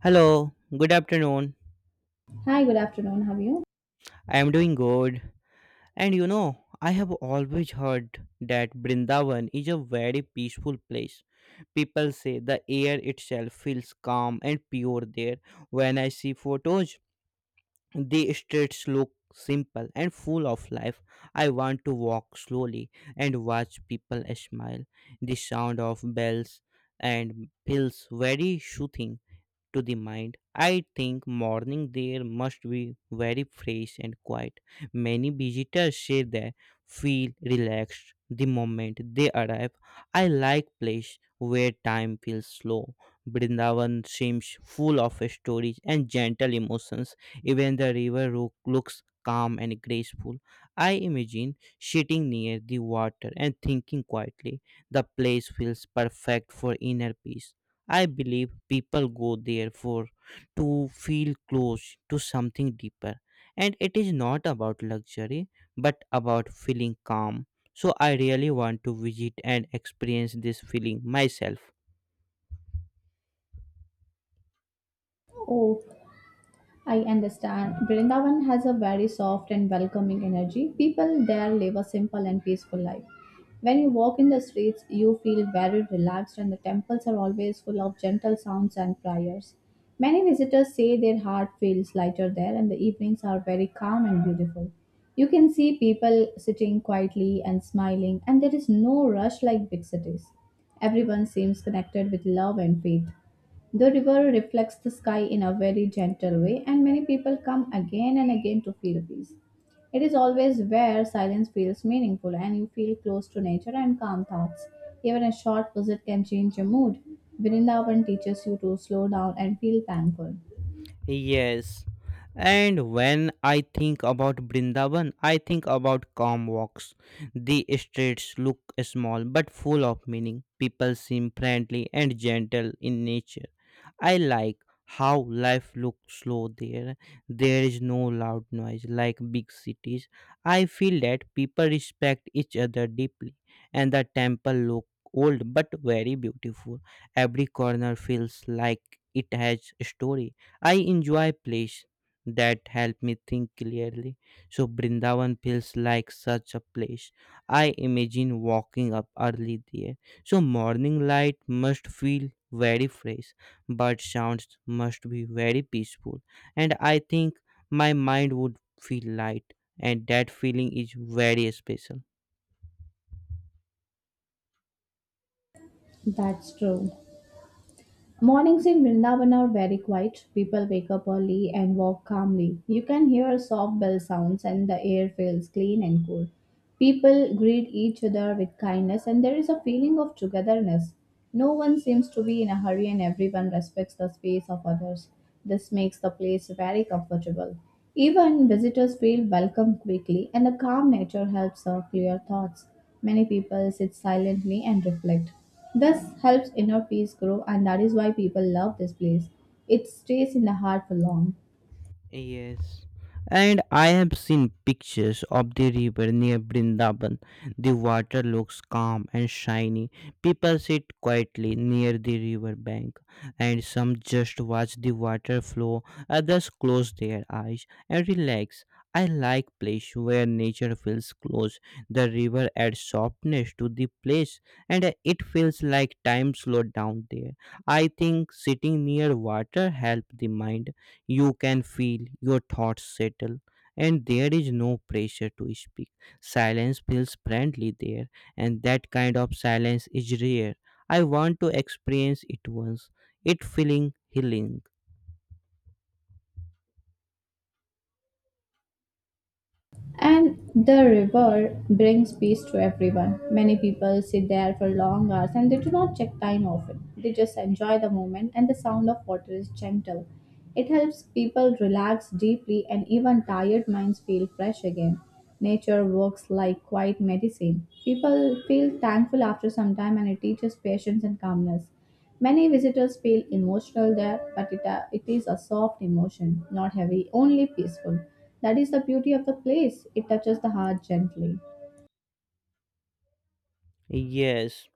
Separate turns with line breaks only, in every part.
Hello, good afternoon.
Hi, good afternoon. How are you?
I am doing good. I have always heard that Brindavan is a very peaceful place. People say the air itself feels calm and pure there. When I see photos, the streets look simple and full of life. I want to walk slowly and watch people smile. The sound of bells and bells very soothing to the mind. I think morning there must be very fresh and quiet. Many visitors say they feel relaxed the moment they arrive. I like place where time feels slow. Brindavan seems full of stories and gentle emotions. Even the river looks calm and graceful. I imagine sitting near the water and thinking quietly. The place feels perfect for inner peace. I believe people go there for to feel close to something deeper, and it is not about luxury but about feeling calm. So I really want to visit and experience this feeling myself.
Oh, I understand. Vrindavan has a very soft and welcoming energy. People there live a simple and peaceful life. When you walk in the streets, you feel very relaxed, and the temples are always full of gentle sounds and prayers. Many visitors say their heart feels lighter there, and the evenings are very calm and beautiful. You can see people sitting quietly and smiling, and there is no rush like big cities. Everyone seems connected with love and faith. The river reflects the sky in a very gentle way, and many people come again and again to feel peace. It is always where silence feels meaningful and you feel close to nature and calm thoughts. Even a short visit can change your mood. Vrindavan teaches you to slow down and feel thankful.
Yes. And when I think about Brindavan, I think about calm walks. The streets look small but full of meaning. People seem friendly and gentle in nature. I like how life looks slow there. There is no loud noise like big cities. I feel that people respect each other deeply and the temple look old but very beautiful. Every corner feels like it has a story. I enjoy plays that help me think clearly. So Brindavan feels like such a place. I imagine walking up early there. So morning light must feel very fresh, bird sounds must be very peaceful. And I think my mind would feel light, and that feeling is very special.
That's true. Mornings in Vrindavan are very quiet. People wake up early and walk calmly. You can hear soft bell sounds and the air feels clean and cool. People greet each other with kindness and there is a feeling of togetherness. No one seems to be in a hurry and everyone respects the space of others. This makes the place very comfortable. Even visitors feel welcome quickly and the calm nature helps clear thoughts. Many people sit silently and reflect. This helps inner peace grow, and that is why people love this place. It stays in the heart for long.
Yes. And I have seen pictures of the river near Brindaban. The water looks calm and shiny. People sit quietly near the river bank, and some just watch the water flow, others close their eyes and relax. I like place where nature feels close. The river adds softness to the place, and it feels like time slowed down there. I think sitting near water helps the mind. You can feel your thoughts settle, and there is no pressure to speak. Silence feels friendly there, and that kind of silence is rare. I want to experience it once. It feeling healing.
And the river brings peace to everyone. Many people sit there for long hours and they do not check time often. They just enjoy the moment, and the sound of water is gentle. It helps people relax deeply, and even tired minds feel fresh again. Nature works like quiet medicine. People feel thankful after some time, and it teaches patience and calmness. Many visitors feel emotional there, but it is a soft emotion, not heavy, only peaceful. That is the beauty of the place. It touches the heart gently.
Yes.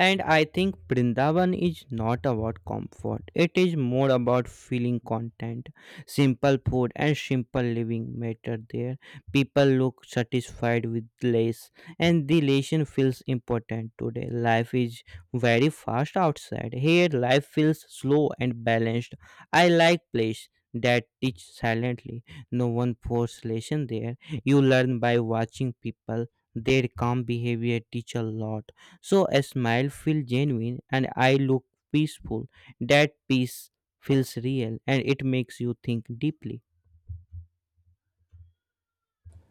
And I think Brindavan is not about comfort, it is more about feeling content. Simple food and simple living matter there. People look satisfied with less, and the relation feels important today. Life is very fast outside. Here, life feels slow and balanced. I like place that teach silently. No one force lesson there. You learn by watching people. Their calm behavior teach a lot, so a smile feels genuine and I look peaceful. That peace feels real and it makes you think deeply.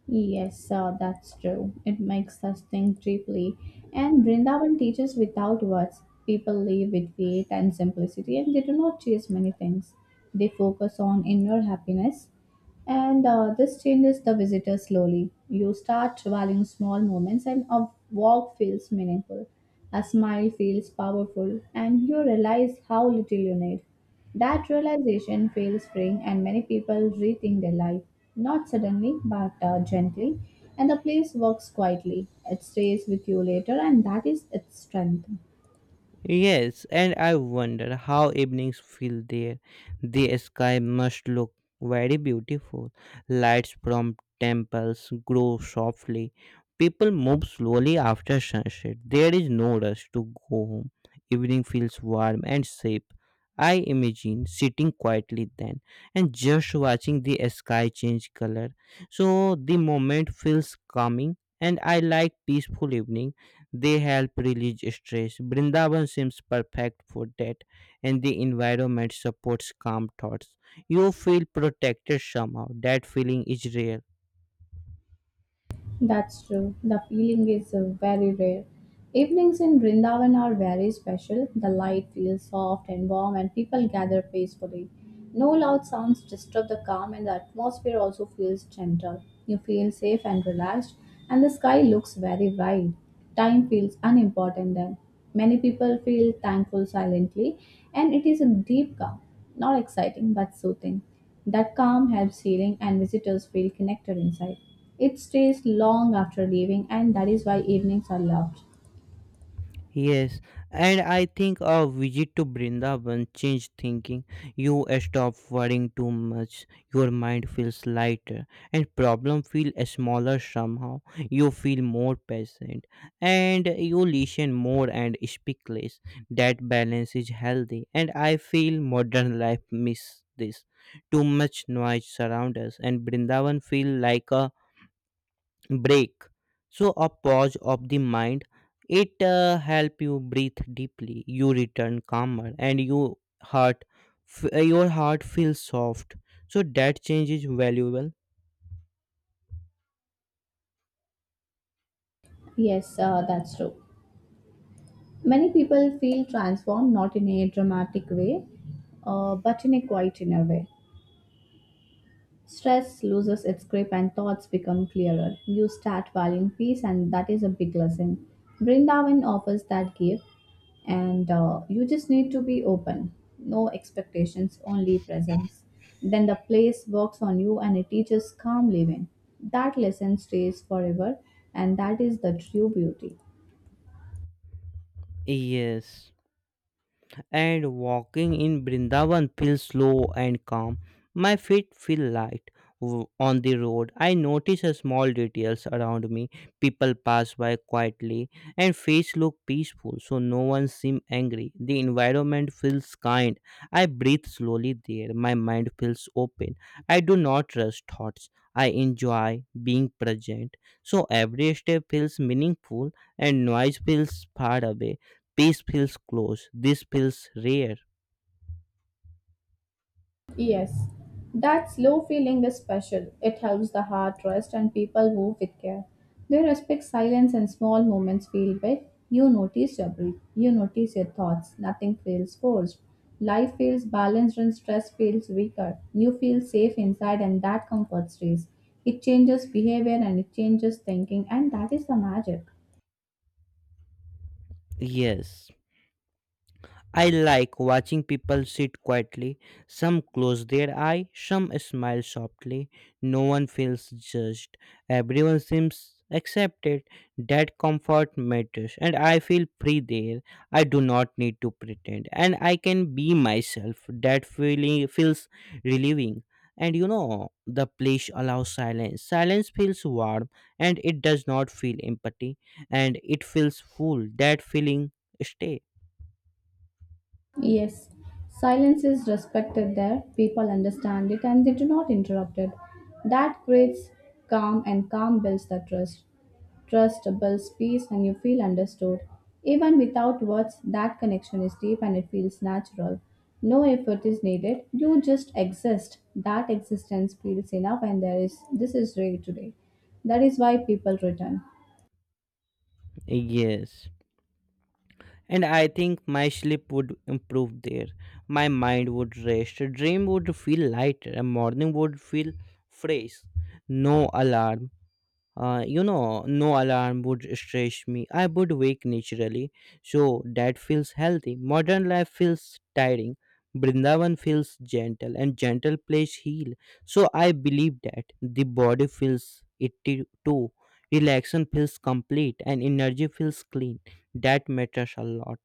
Yes, that's true. It makes us think deeply. And Vrindavan teaches without words. People live with faith and simplicity, and they do not chase many things. They focus on inner happiness. And This changes the visitor slowly. You start valuing small moments, and a walk feels meaningful. A smile feels powerful, and you realize how little you need. That realization feels freeing, and many people rethink their life, not suddenly, but gently. And the place works quietly. It stays with you later, and that is its strength.
Yes, and I wonder how evenings feel there. The sky must look very beautiful. Lights from temples grow softly. People move slowly after sunset. There is no rush to go home. Evening feels warm and safe. I imagine sitting quietly then and just watching the sky change color. So the moment feels calming and I like peaceful evenings. They help release stress. Brindavan seems perfect for that, and the environment supports calm thoughts. You feel protected somehow. That feeling is rare.
That's true. The feeling is very rare. Evenings in Vrindavan are very special. The light feels soft and warm, and people gather peacefully. No loud sounds disturb the calm, and the atmosphere also feels gentle. You feel safe and relaxed, and the sky looks very wide. Time feels unimportant then. Many people feel thankful silently, and it is a deep calm, not exciting but soothing. That calm helps healing, and visitors feel connected inside. It stays long after leaving, and that is why evenings are loved.
Yes, and I think a visit to Brindavan changed thinking. You stop worrying too much. Your mind feels lighter, and problem feel smaller somehow. You feel more patient, and you listen more and speak less. That balance is healthy, and I feel modern life miss this. Too much noise surrounds us, and Brindavan feel like a break, so a pause of the mind, it help you breathe deeply. You return calmer, and your heart feels soft, so that change is valuable.
Yes, that's true. Many people feel transformed, not in a dramatic way, but in a quiet inner way. Stress loses its grip and thoughts become clearer. You start valuing peace, and that is a big lesson. Brindavan offers that gift, and you just need to be open. No expectations, only presence. Then the place works on you and it teaches calm living. That lesson stays forever, and that is the true beauty.
Yes, and walking in Brindavan feels slow and calm. My feet feel light on the road. I notice a small details around me. People pass by quietly and face look peaceful, so no one seem angry. The environment feels kind. I breathe slowly there. My mind feels open. I do not rush thoughts. I enjoy being present. So every step feels meaningful and noise feels far away. Peace feels close. This feels rare.
Yes, that slow feeling is special. It helps the heart rest and people move with care. They respect silence and small moments feel big. You notice your breath, you notice your thoughts. Nothing feels forced. Life feels balanced and stress feels weaker. You feel safe inside and that comfort stays. It changes behavior and it changes thinking, and that is the magic.
Yes. I like watching people sit quietly. Some close their eye, some smile softly. No one feels judged. Everyone seems accepted. That comfort matters, and I feel free there. I do not need to pretend, and I can be myself. That feeling feels relieving. The place allows silence. Silence feels warm and it does not feel empty and it feels full. That feeling stay.
Yes, silence is respected there, people understand it and they do not interrupt it. That creates calm, and calm builds the trust. Trust builds peace, and you feel understood. Even without words, that connection is deep and it feels natural. No effort is needed, you just exist. That existence feels enough, and there is this is rare today. That is why people return.
Yes. And I think my sleep would improve there. My mind would rest, dream would feel lighter, a morning would feel fresh. No alarm, no alarm would stress me. I would wake naturally, so that feels healthy. Modern life feels tiring. Brindavan feels gentle and gentle place heal. So I believe that the body feels it too. Relaxation feels complete and energy feels clean. That matters a lot.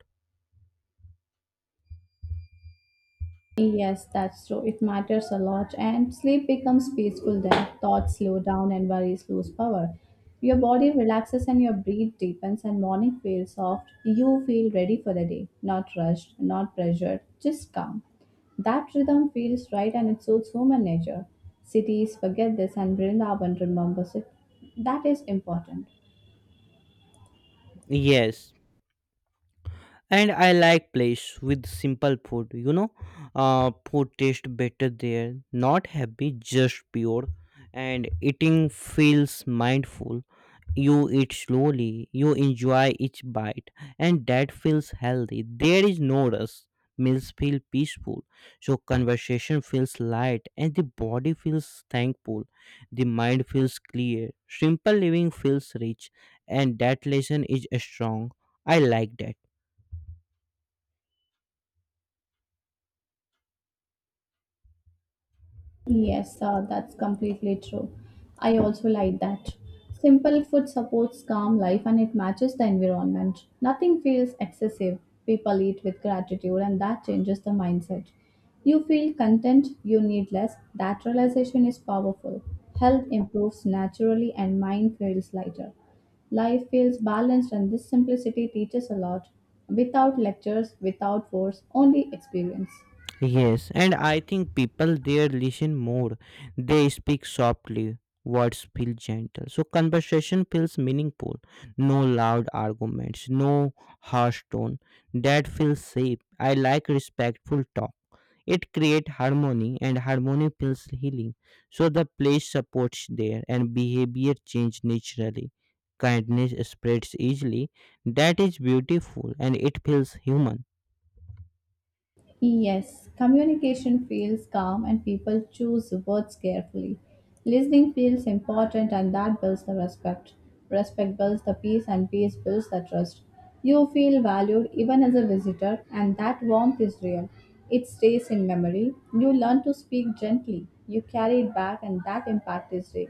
Yes, that's true. It matters a lot, and sleep becomes peaceful then. Thoughts slow down and worries lose power. Your body relaxes and your breath deepens, and morning feels soft. You feel ready for the day, not rushed, not pressured, just calm. That rhythm feels right and it suits human nature. Cities forget this, and Vrindavan remembers it. That is important.
Yes, and I like place with simple food. Food tastes better there. Not happy, just pure, and eating feels mindful. You eat slowly. You enjoy each bite, and that feels healthy. There is no rush. Meals feel peaceful, so conversation feels light, and the body feels thankful. The mind feels clear. Simple living feels rich, and that lesson is strong. I like that.
Yes, that's completely true. I also like that. Simple food supports calm life and it matches the environment. Nothing feels excessive. People eat with gratitude and that changes the mindset. You feel content, you need less. That realization is powerful. Health improves naturally and mind feels lighter. Life feels balanced and this simplicity teaches a lot. Without lectures, without force, only experience.
Yes, and I think people there listen more. They speak softly. Words feel gentle. So conversation feels meaningful. No loud arguments, no harsh tone. That feels safe. I like respectful talk. It creates harmony and harmony feels healing. So the place supports there and behavior change naturally. Kindness spreads easily. That is beautiful and it feels human.
Yes, communication feels calm and people choose words carefully. Listening feels important and that builds the respect. Respect builds the peace and peace builds the trust. You feel valued even as a visitor and that warmth is real. It stays in memory. You learn to speak gently. You carry it back and that impact is real.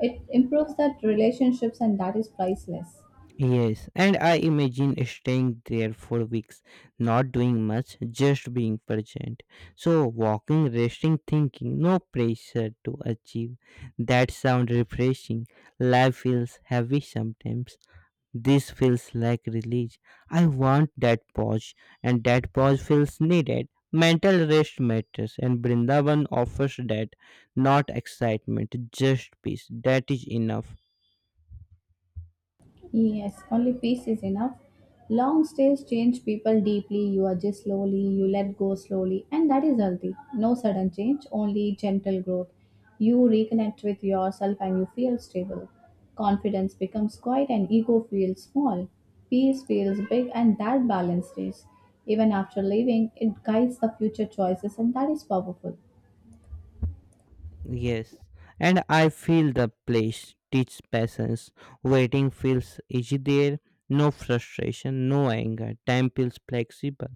It improves that relationships and that is priceless.
Yes, and I imagine staying there for weeks, not doing much, just being present. So, walking, resting, thinking, no pressure to achieve. That sounds refreshing. Life feels heavy sometimes. This feels like release. I want that pause, and that pause feels needed. Mental rest matters, and Brindavan offers that, not excitement, just peace. That is enough.
Yes, only peace is enough. Long stays change people deeply. You adjust slowly, you let go slowly, and that is healthy. No sudden change, only gentle growth. You reconnect with yourself and you feel stable. Confidence becomes quiet and ego feels small. Peace feels big, and that balance stays. Even after leaving, it guides the future choices, and that is powerful.
Yes, and I feel the place teach patience. Waiting feels easy there, no frustration, no anger. Time feels flexible.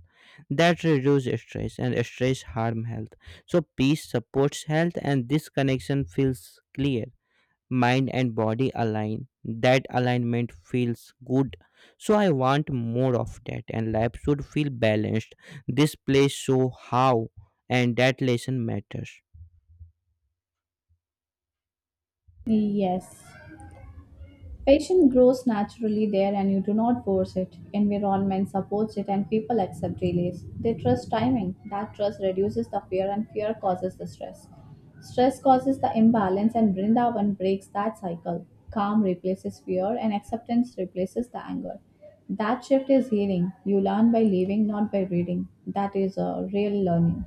That reduces stress, and stress harm health. So peace supports health, and this connection feels clear. Mind and body align. That alignment feels good. So I want more of that, and life should feel balanced. This place show how, and that lesson matters.
Yes. Passion grows naturally there and you do not force it. Environment supports it and people accept delays. They trust timing. That trust reduces the fear and fear causes the stress. Stress causes the imbalance and Vrindavan breaks that cycle. Calm replaces fear and acceptance replaces the anger. That shift is healing. You learn by living, not by reading. That is a real learning.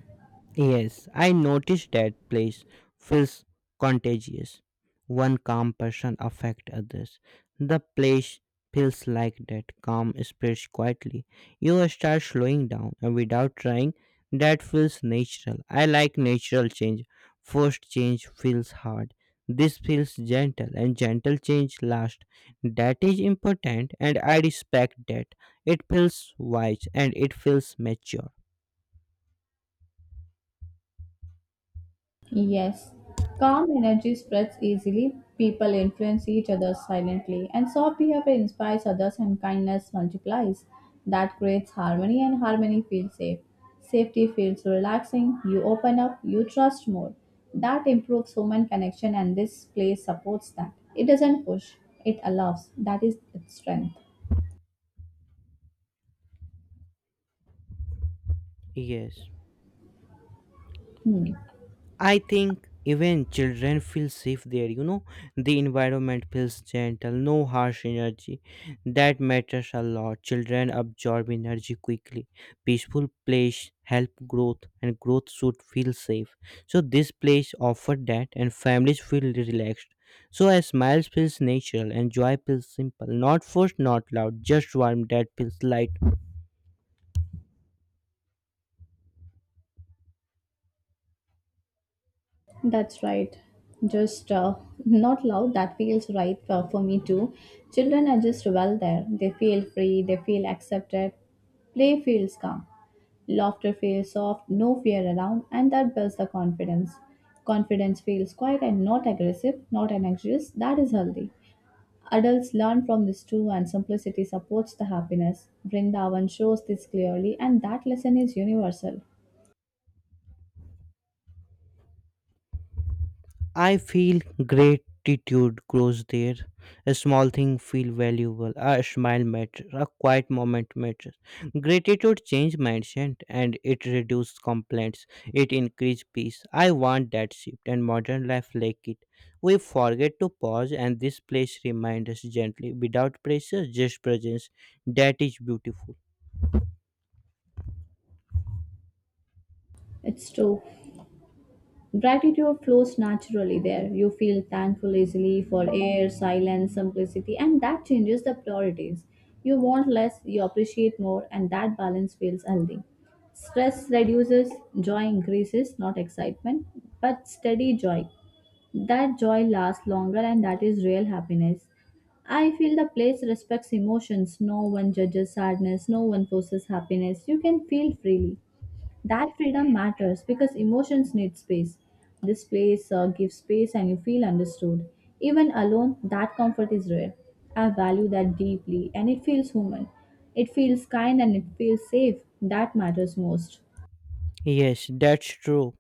Yes, I noticed that place feels contagious. One calm person affect others. The place feels like that calm spreads quietly. You start slowing down and without trying. That feels natural. I like natural change. Forced change feels hard. This feels gentle and gentle change lasts. That is important and I respect that. It feels wise and it feels mature.
Yes, calm energy spreads easily, people influence each other silently, and soft behavior inspires others and kindness multiplies. That creates harmony, and harmony feels safe. Safety feels relaxing, you open up, you trust more. That improves human connection, and this place supports that. It doesn't push, it allows. That is its strength.
Yes.
Hmm.
I think even children feel safe there. The environment feels gentle, no harsh energy. That matters a lot. Children absorb energy quickly. Peaceful place help growth and growth should feel safe. So this place offer that and families feel relaxed. So a smile feels natural and joy feels simple. Not forced, not loud, just warm that feels light.
That's right. Just not loud. That feels right for me too. Children are just well there. They feel free. They feel accepted. Play feels calm. Laughter feels soft. No fear around, and that builds the confidence. Confidence feels quiet and not aggressive, not anxious. That is healthy. Adults learn from this too, and simplicity supports the happiness. Vrindavan shows this clearly, and that lesson is universal.
I feel gratitude grows there. A small thing feel valuable. A smile matters. A quiet moment matters. Gratitude change mindset and it reduces complaints. It increase peace. I want that shift and modern life lack it. We forget to pause and this place reminds us gently without pressure, just presence. That is beautiful.
It's true. Gratitude flows naturally there. You feel thankful easily for air, silence, simplicity, and that changes the priorities. You want less, you appreciate more, and that balance feels healthy. Stress reduces, joy increases, not excitement, but steady joy. That joy lasts longer, and that is real happiness. I feel the place respects emotions. No one judges sadness, no one forces happiness. You can feel freely. That freedom matters because emotions need space. This place gives space and you feel understood. Even alone, that comfort is rare. I value that deeply and it feels human. It feels kind and it feels safe. That matters most.
Yes, that's true.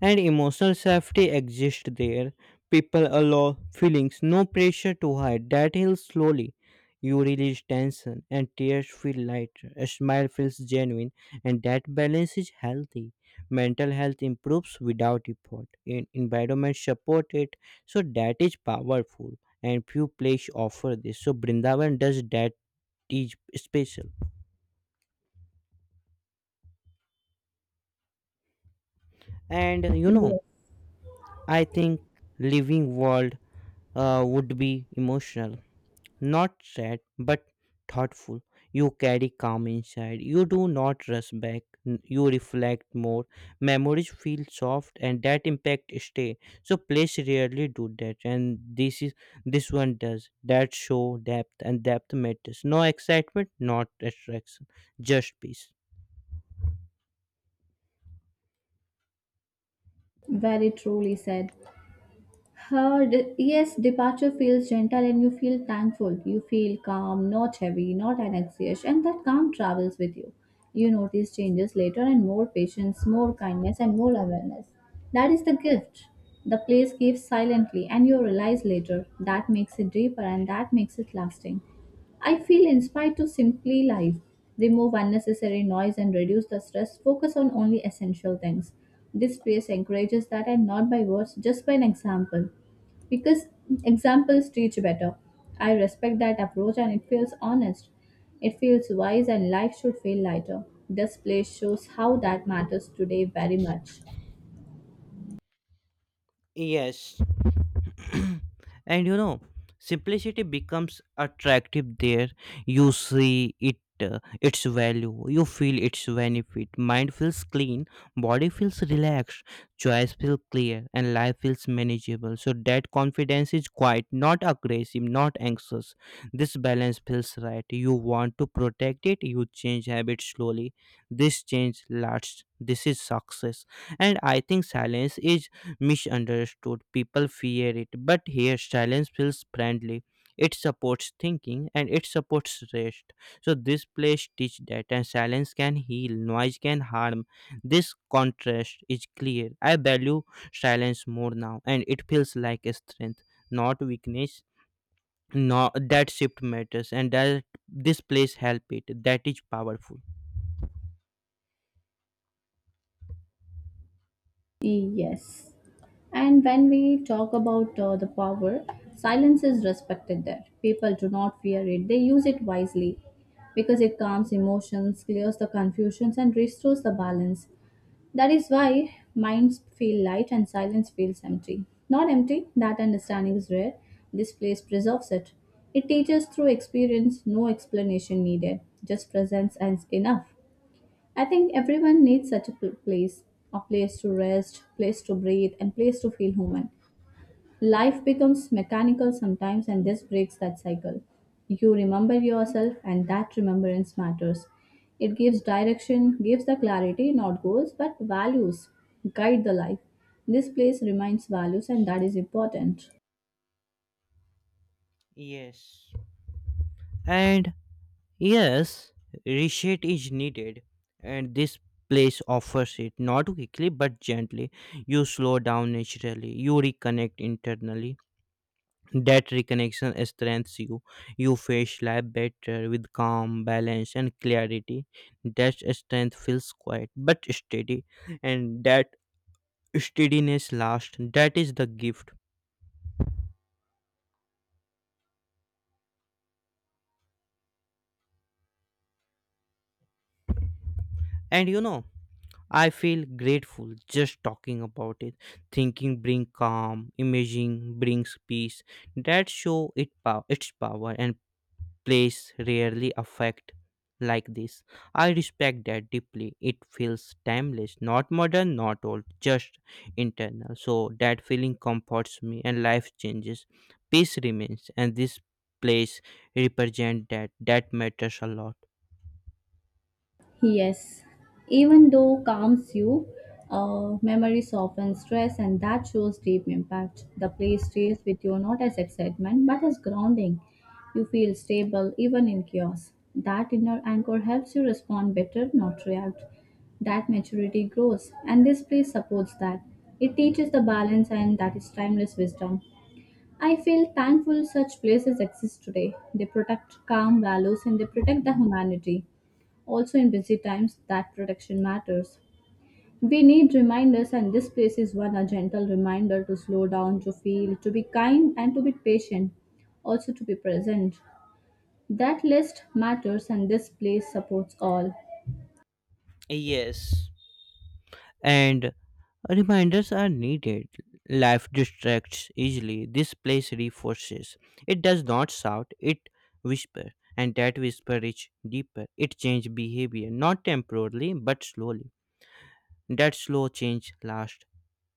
And emotional safety exists there. People allow feelings, no pressure to hide. That heals slowly. You release tension and tears feel lighter. A smile feels genuine, and that balance is healthy. Mental health improves without effort. Environment support it, so that is powerful. And few places offer this. So Brindavan does that is special. And you know,
Yes,
I think living world would be emotional. Not sad, but thoughtful. You carry calm inside. You do not rush back. You reflect more. Memories feel soft, and that impact stay. So place rarely do that, and this one does. That show depth, and depth matters. No excitement, not attraction, just peace.
very truly said. Departure feels gentle and you feel thankful. You feel calm, not heavy, not anxious, and that calm travels with you. You notice changes later and more patience, more kindness, and more awareness. That is the gift. The place gives silently, and you realize later. That makes it deeper and that makes it lasting. I feel inspired to simply life, remove unnecessary noise and reduce the stress, focus on only essential things. This space encourages that and not by words, just by an example. Because examples teach better. I respect that approach and it feels honest. It feels wise and life should feel lighter. This place shows how that matters today very much.
Yes. and you know, simplicity becomes attractive there. You see it its value. You feel its benefit. Mind feels clean, body feels relaxed, choice feels clear and life feels manageable, so that confidence is quiet, not aggressive, not anxious. This balance feels right. You want to protect it. You change habits slowly. This change lasts. This is success. And I think silence is misunderstood. People fear it, but here silence feels friendly. It supports thinking and it supports rest. So this place teach that, and silence can heal, noise can harm. This contrast is clear. I value silence more now, and it feels like a strength, not weakness. No, that shift matters, and that this place help it. That is powerful.
Yes. And when we talk about the power, silence is respected there. People do not fear it, they use it wisely because it calms emotions, clears the confusions, and restores the balance. That is why minds feel light and silence feels empty. Not empty, that understanding is rare. This place preserves it. It teaches through experience, no explanation needed, just presence and enough. I think everyone needs such a place, a place to rest, place to breathe, and place to feel human. Life becomes mechanical sometimes, and this breaks that cycle. You remember yourself, and that remembrance matters. It gives direction, gives the clarity, not goals, but values guide the life. This place reminds values, and that is important.
Yes, and yes, reset is needed, and this place offers it not quickly but gently. You slow down naturally, you reconnect internally. That reconnection strengthens you. You face life better with calm, balance, and clarity. That strength feels quiet but steady, and that steadiness lasts. That is the gift. And you know, I feel grateful just talking about it. Thinking brings calm, imaging brings peace. That show its power and place rarely affect like this. I respect that deeply. It feels timeless, not modern, not old, just internal. So that feeling comforts me and life changes. Peace remains and this place represent that. That matters a lot.
Yes, even though calms you, memory softens stress, and that shows deep impact. The play stays with you not as excitement but as grounding. You feel stable even in chaos. That inner anchor helps you respond better, not react. That maturity grows, and this play supports that. It teaches the balance, and that is timeless wisdom. I feel thankful such places exist today. They protect calm values and they protect the humanity. Also, in busy times, that protection matters. We need reminders, and this place is one a gentle reminder to slow down, to feel, to be kind, and to be patient, also to be present. That list matters, and this place supports all.
Yes. And reminders are needed. Life distracts easily. This place reinforces. It does not shout, it whispers. And that whisper is deeper. It changes behavior, not temporarily, but slowly. That slow change lasts.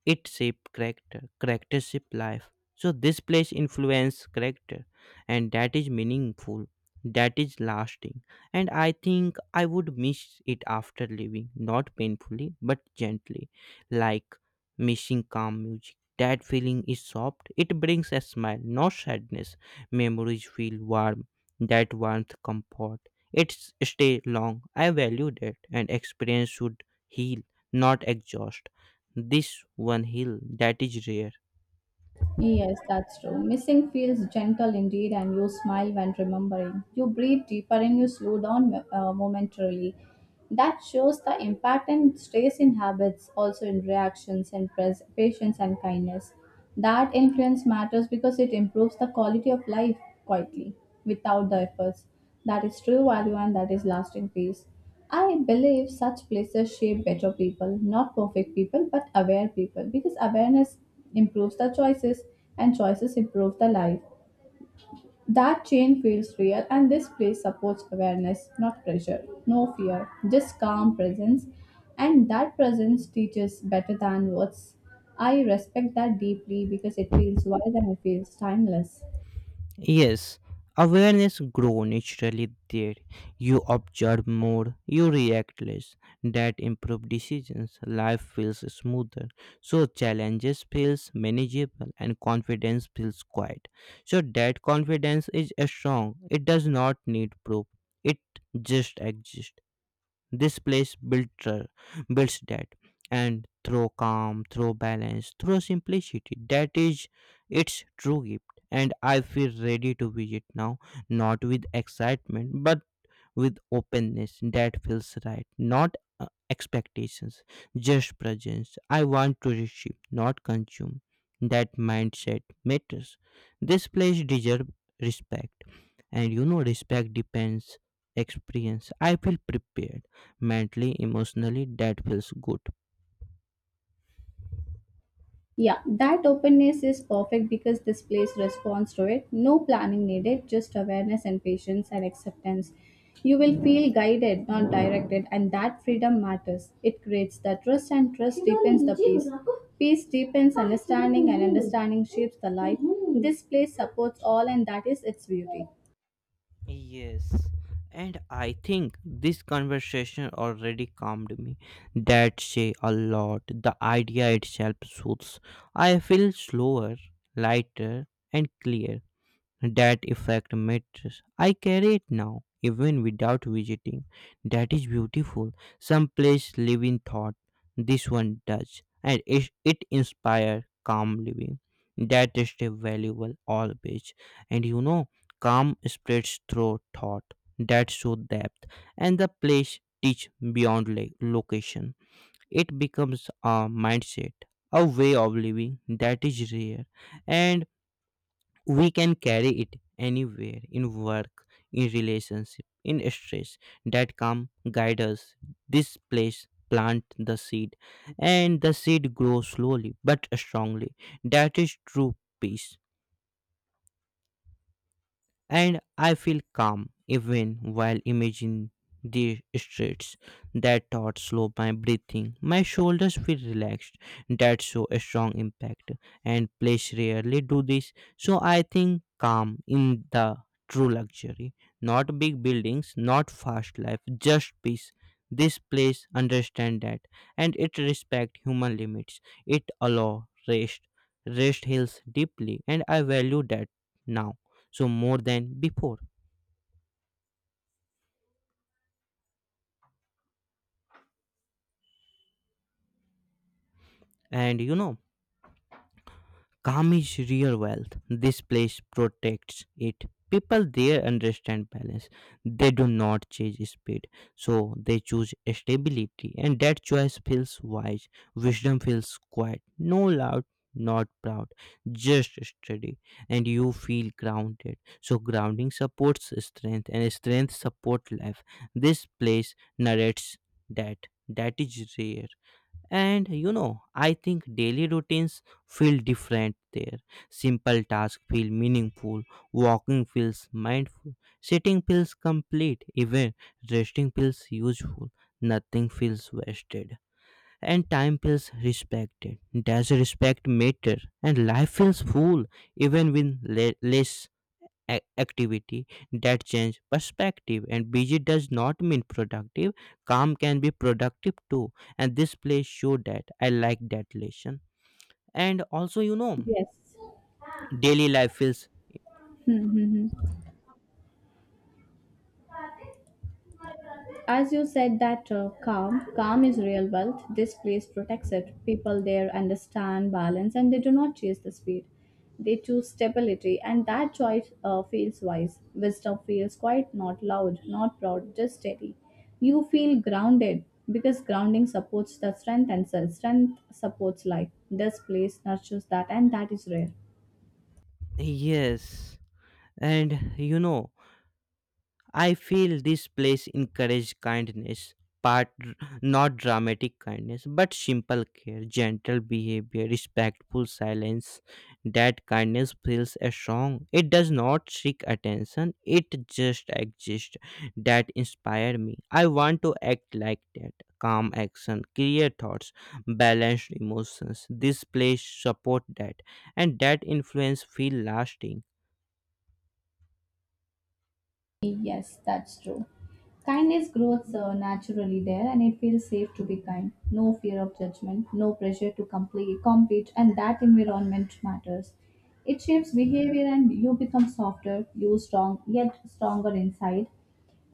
It shape character. Character shape life. So this place influence character, and that is meaningful. That is lasting. And I think I would miss it after leaving, not painfully, but gently, like missing calm music. That feeling is soft. It brings a smile, no sadness. Memories feel warm. That warmth comfort. It's stay long. I value that, and experience should heal, not exhaust this one hill that is rare.
Yes, that's true. Missing feels gentle indeed, and you smile when remembering. You breathe deeper and you slow down momentarily. That shows the impact and stays in habits, also in reactions and patience and kindness. That influence matters because it improves the quality of life quietly, without the efforts. That is true value and that is lasting peace. I believe such places shape better people, not perfect people, but aware people, because awareness improves the choices and choices improve the life. That chain feels real, and this place supports awareness, not pressure, no fear, just calm presence. And that presence teaches better than words. I respect that deeply because it feels wise and it feels timeless.
Yes, awareness grow naturally there. You observe more, you react less. That improve decisions. Life feels smoother. So challenges feels manageable and confidence feels quiet. So that confidence is strong. It does not need proof. It just exists. This place builds that, and through calm, through balance, through simplicity. That is its true gift. And I feel ready to visit now, not with excitement, but with openness that feels right, not expectations, just presence. I want to receive, not consume. That mindset matters. This place deserves respect, and you know, respect depends experience. I feel prepared mentally, emotionally. That feels good.
Yeah, that openness is perfect because this place responds to it. No planning needed, just awareness and patience and acceptance. You will feel guided, not directed, and that freedom matters. It creates the trust, and trust deepens the peace. Peace deepens understanding, and understanding shapes the life. This place supports all, and that is its beauty.
Yes, and I think this conversation already calmed me. That say a lot. The idea itself soothes. I feel slower, lighter, and clear. That effect matters. I carry it now, even without visiting. That is beautiful. Some place live in thought. This one does. And it inspires calm living. That is a valuable always. And you know, calm spreads through thought. That show depth. And the place teach beyond like location. It becomes a mindset, a way of living that is rare. And we can carry it anywhere, in work, in relationship, in stress. That calm guide us. This place plant the seed, and the seed grows slowly but strongly. That is true peace, and I feel calm even while imagining the streets. That thought slow my breathing. My shoulders feel relaxed. That's so a strong impact. And place rarely do this. So I think calm in the true luxury. Not big buildings, not fast life, just peace. This place understand that, and it respect human limits. It allow rest. Rest heals deeply, and I value that now, so more than before. And you know, calm is real wealth. This place protects it. People there understand balance. They do not chase speed, so they choose stability, and that choice feels wise. Wisdom feels quiet, no loud, not proud, just steady. And you feel grounded, so grounding supports strength and strength support life. This place narrates that. That is rare. And you know, I think daily routines feel different there. Simple tasks feel meaningful, walking feels mindful, sitting feels complete, even resting feels useful, nothing feels wasted, and time feels respected. Does respect matter? And life feels full even with less activity. That change perspective, and busy does not mean productive. Calm can be productive too, and this place show that. I like that lesson. And also, you know,
Yes.
daily life is
Hmm, hmm, hmm. As you said that calm is real wealth. This place protects it. People there understand balance and they do not chase the speed. They choose stability, and that choice feels wise. Wisdom feels quiet, not loud, not proud, just steady. You feel grounded because grounding supports the strength and self. Strength supports life. This place nurtures that, and that is rare.
yes. And you know, I feel this place encouraged kindness, part, not dramatic kindness, but simple care, gentle behavior, respectful silence. That kindness feels a strong. It does not seek attention. It just exists. That inspire me. I want to act like that. Calm action, clear thoughts, balanced emotions. This place support that, and that influence feel lasting.
Yes, that's true. Kindness grows naturally there, and it feels safe to be kind. No fear of judgment, no pressure to compete, and that environment matters. It shapes behavior, and you become softer, yet stronger inside.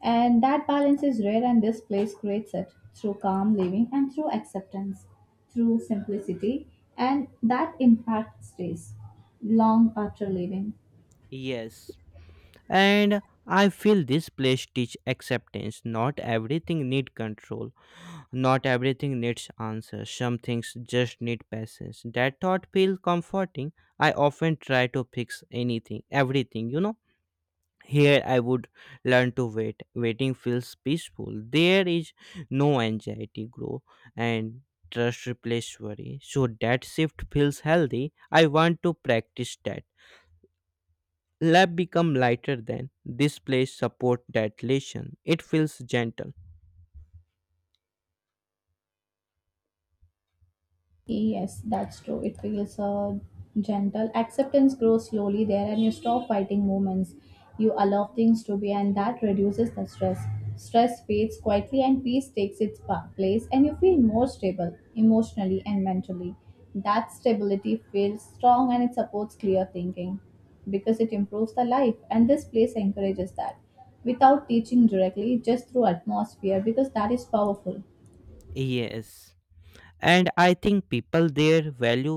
And that balance is rare, and this place creates it through calm living and through acceptance, through simplicity, and that impact stays long after leaving.
Yes, and I feel this place teach acceptance. Not everything need control, not everything needs answers. Some things just need patience. That thought feels comforting. I often try to fix anything, everything, here. I would learn to wait. Waiting feels peaceful. There is no anxiety grow, and trust replace worry, so that shift feels healthy. I want to practice that. Lab become lighter then. This place support that relation. It feels gentle.
Yes, that's true. It feels gentle. Acceptance grows slowly there, and you stop fighting moments. You allow things to be, and that reduces the stress. Stress fades quietly, and peace takes its place, and you feel more stable emotionally and mentally. That stability feels strong and it supports clear thinking because it improves the life, and this place encourages that without teaching directly, just through atmosphere because that is powerful.
Yes, and I think people there value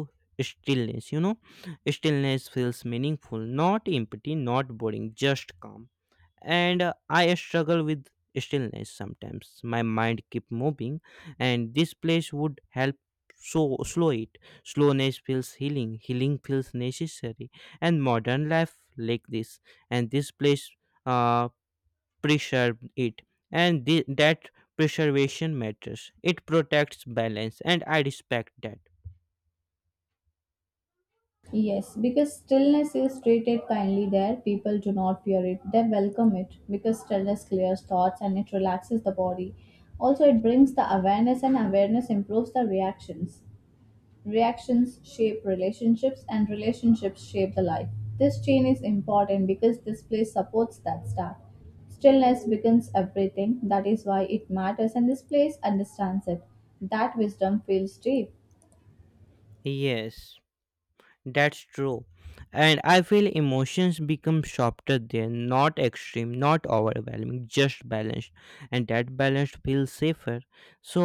stillness, you know. Stillness feels meaningful, not empty, not boring, just calm. And I struggle with stillness sometimes. My mind keep moving, and this place would help. So slow it, slowness feels healing, healing feels necessary. And modern life like this, and this place uh, preserve it. And that preservation matters. It protects balance, and I respect that.
Yes, because stillness is treated kindly there, people do not fear it, they welcome it because stillness clears thoughts and it relaxes the body. Also, it brings the awareness, and awareness improves the reactions. Reactions shape relationships, and relationships shape the life. This chain is important because this place supports that start. Stillness becomes everything, that is why it matters, and this place understands it. That wisdom feels deep.
Yes, that's true. And I feel emotions become softer there, not extreme, not overwhelming, just balanced. And that balance feels safer. So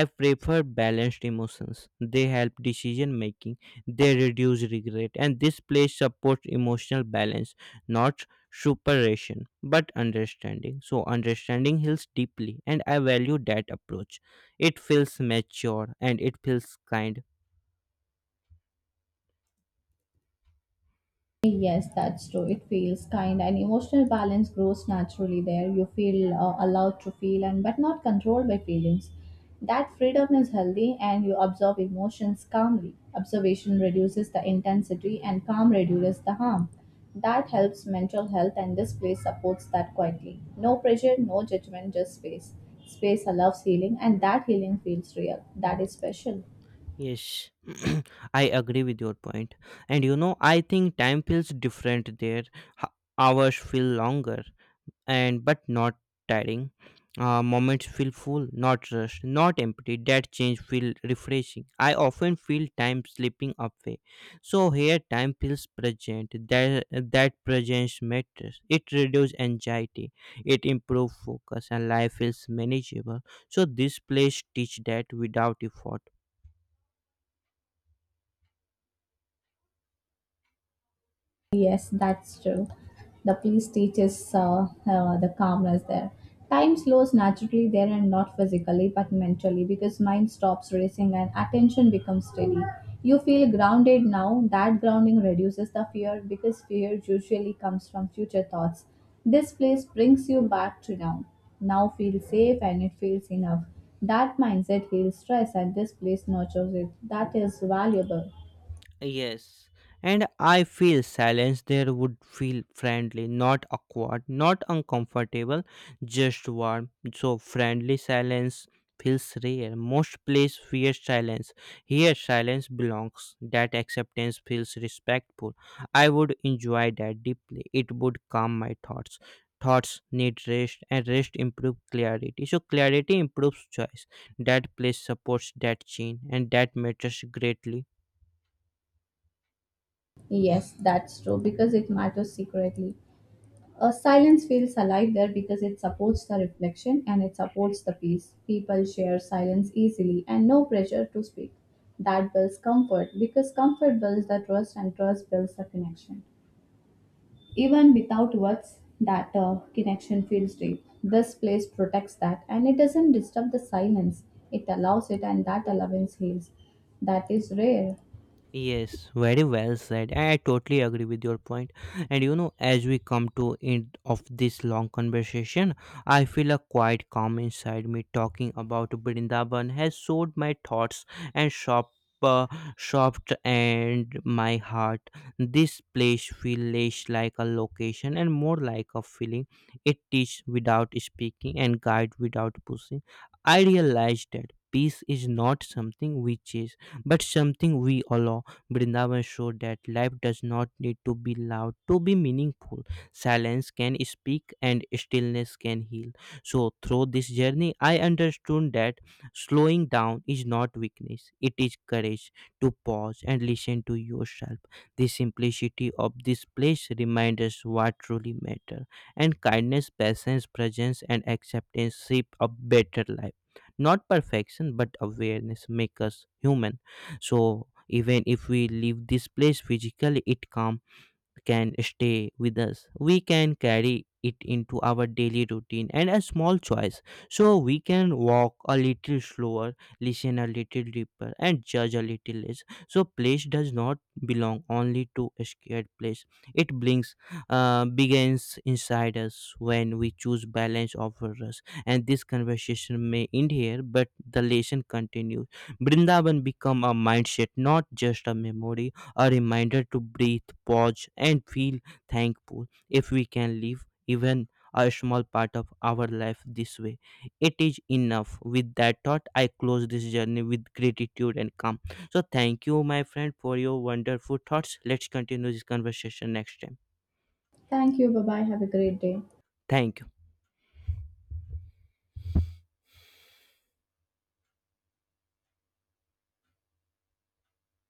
I prefer balanced emotions. They help decision making, they reduce regret, and this place supports emotional balance, not superation, but understanding. So understanding heals deeply, and I value that approach. It feels mature and it feels kind.
Yes, that's true. It feels kind and emotional balance grows naturally there. You feel allowed to feel and but not controlled by feelings. That freedom is healthy and you absorb emotions calmly. Observation reduces the intensity and calm reduces the harm. That helps mental health and this place supports that quietly. No pressure, no judgment, just space. Space allows healing and that healing feels real. That is special.
Yes, I agree with your point. And you know, I think time feels different there. H- Hours feel longer, and but not tiring. Moments feel full, not rushed, not empty. That change feel refreshing. I often feel time slipping away. So here, time feels present. That presence matters. It reduces anxiety. It improves focus, and life feels manageable. So this place teach that without effort.
Yes, that's true. The peace teaches the calmness there. Time slows naturally there and not physically but mentally because mind stops racing and attention becomes steady. You feel grounded now. That grounding reduces the fear because fear usually comes from future thoughts. This place brings you back to now. Now feel safe and it feels enough. That mindset heals stress and this place nurtures it. That is valuable.
Yes, and I feel silence there would feel friendly, not awkward, not uncomfortable, just warm. So, friendly silence feels rare. Most places fear silence. Here, silence belongs. That acceptance feels respectful. I would enjoy that deeply. It would calm my thoughts. Thoughts need rest, and rest improves clarity. So, clarity improves choice. That place supports that chain, and that matters greatly.
Yes, that's true because it matters secretly. Silence feels alive there because it supports the reflection and it supports the peace. People share silence easily and no pressure to speak. That builds comfort because comfort builds the trust and trust builds the connection. Even without words, that connection feels deep. This place protects that and it doesn't disturb the silence. It allows it and that allowance heals. That is rare.
Yes, very well said. I totally agree with your point. And you know, as we come to end of this long conversation, I feel a quiet calm inside me. Talking about Brindaban has soothed my thoughts and sharp, uh, shopped and my heart. This place feels less like a location and more like a feeling. It teaches without speaking and guide without pushing. I realized that peace is not something we chase, but something we allow. Vrindavan showed that life does not need to be loud to be meaningful. Silence can speak and stillness can heal. So, through this journey, I understood that slowing down is not weakness, it is courage to pause and listen to yourself. The simplicity of this place reminds us what truly matters, and kindness, patience, presence, and acceptance shape a better life. Not perfection, but awareness make us human. So even if we leave this place physically, it calms can stay with us. We can carry it into our daily routine and a small choice. So we can walk a little slower, listen a little deeper, and judge a little less. So place does not belong only to a scared place. It brings begins inside us when we choose balance over us. And this conversation may end here, but the lesson continues. Brindavan become a mindset, not just a memory, a reminder to breathe, pause, and feel thankful. If we can live even a small part of our life this way, it is enough. With that thought, I close this journey with gratitude and calm. So, thank you, my friend, for your wonderful thoughts. Let's continue this conversation next time.
Thank you. Bye bye. Have a great day.
Thank you.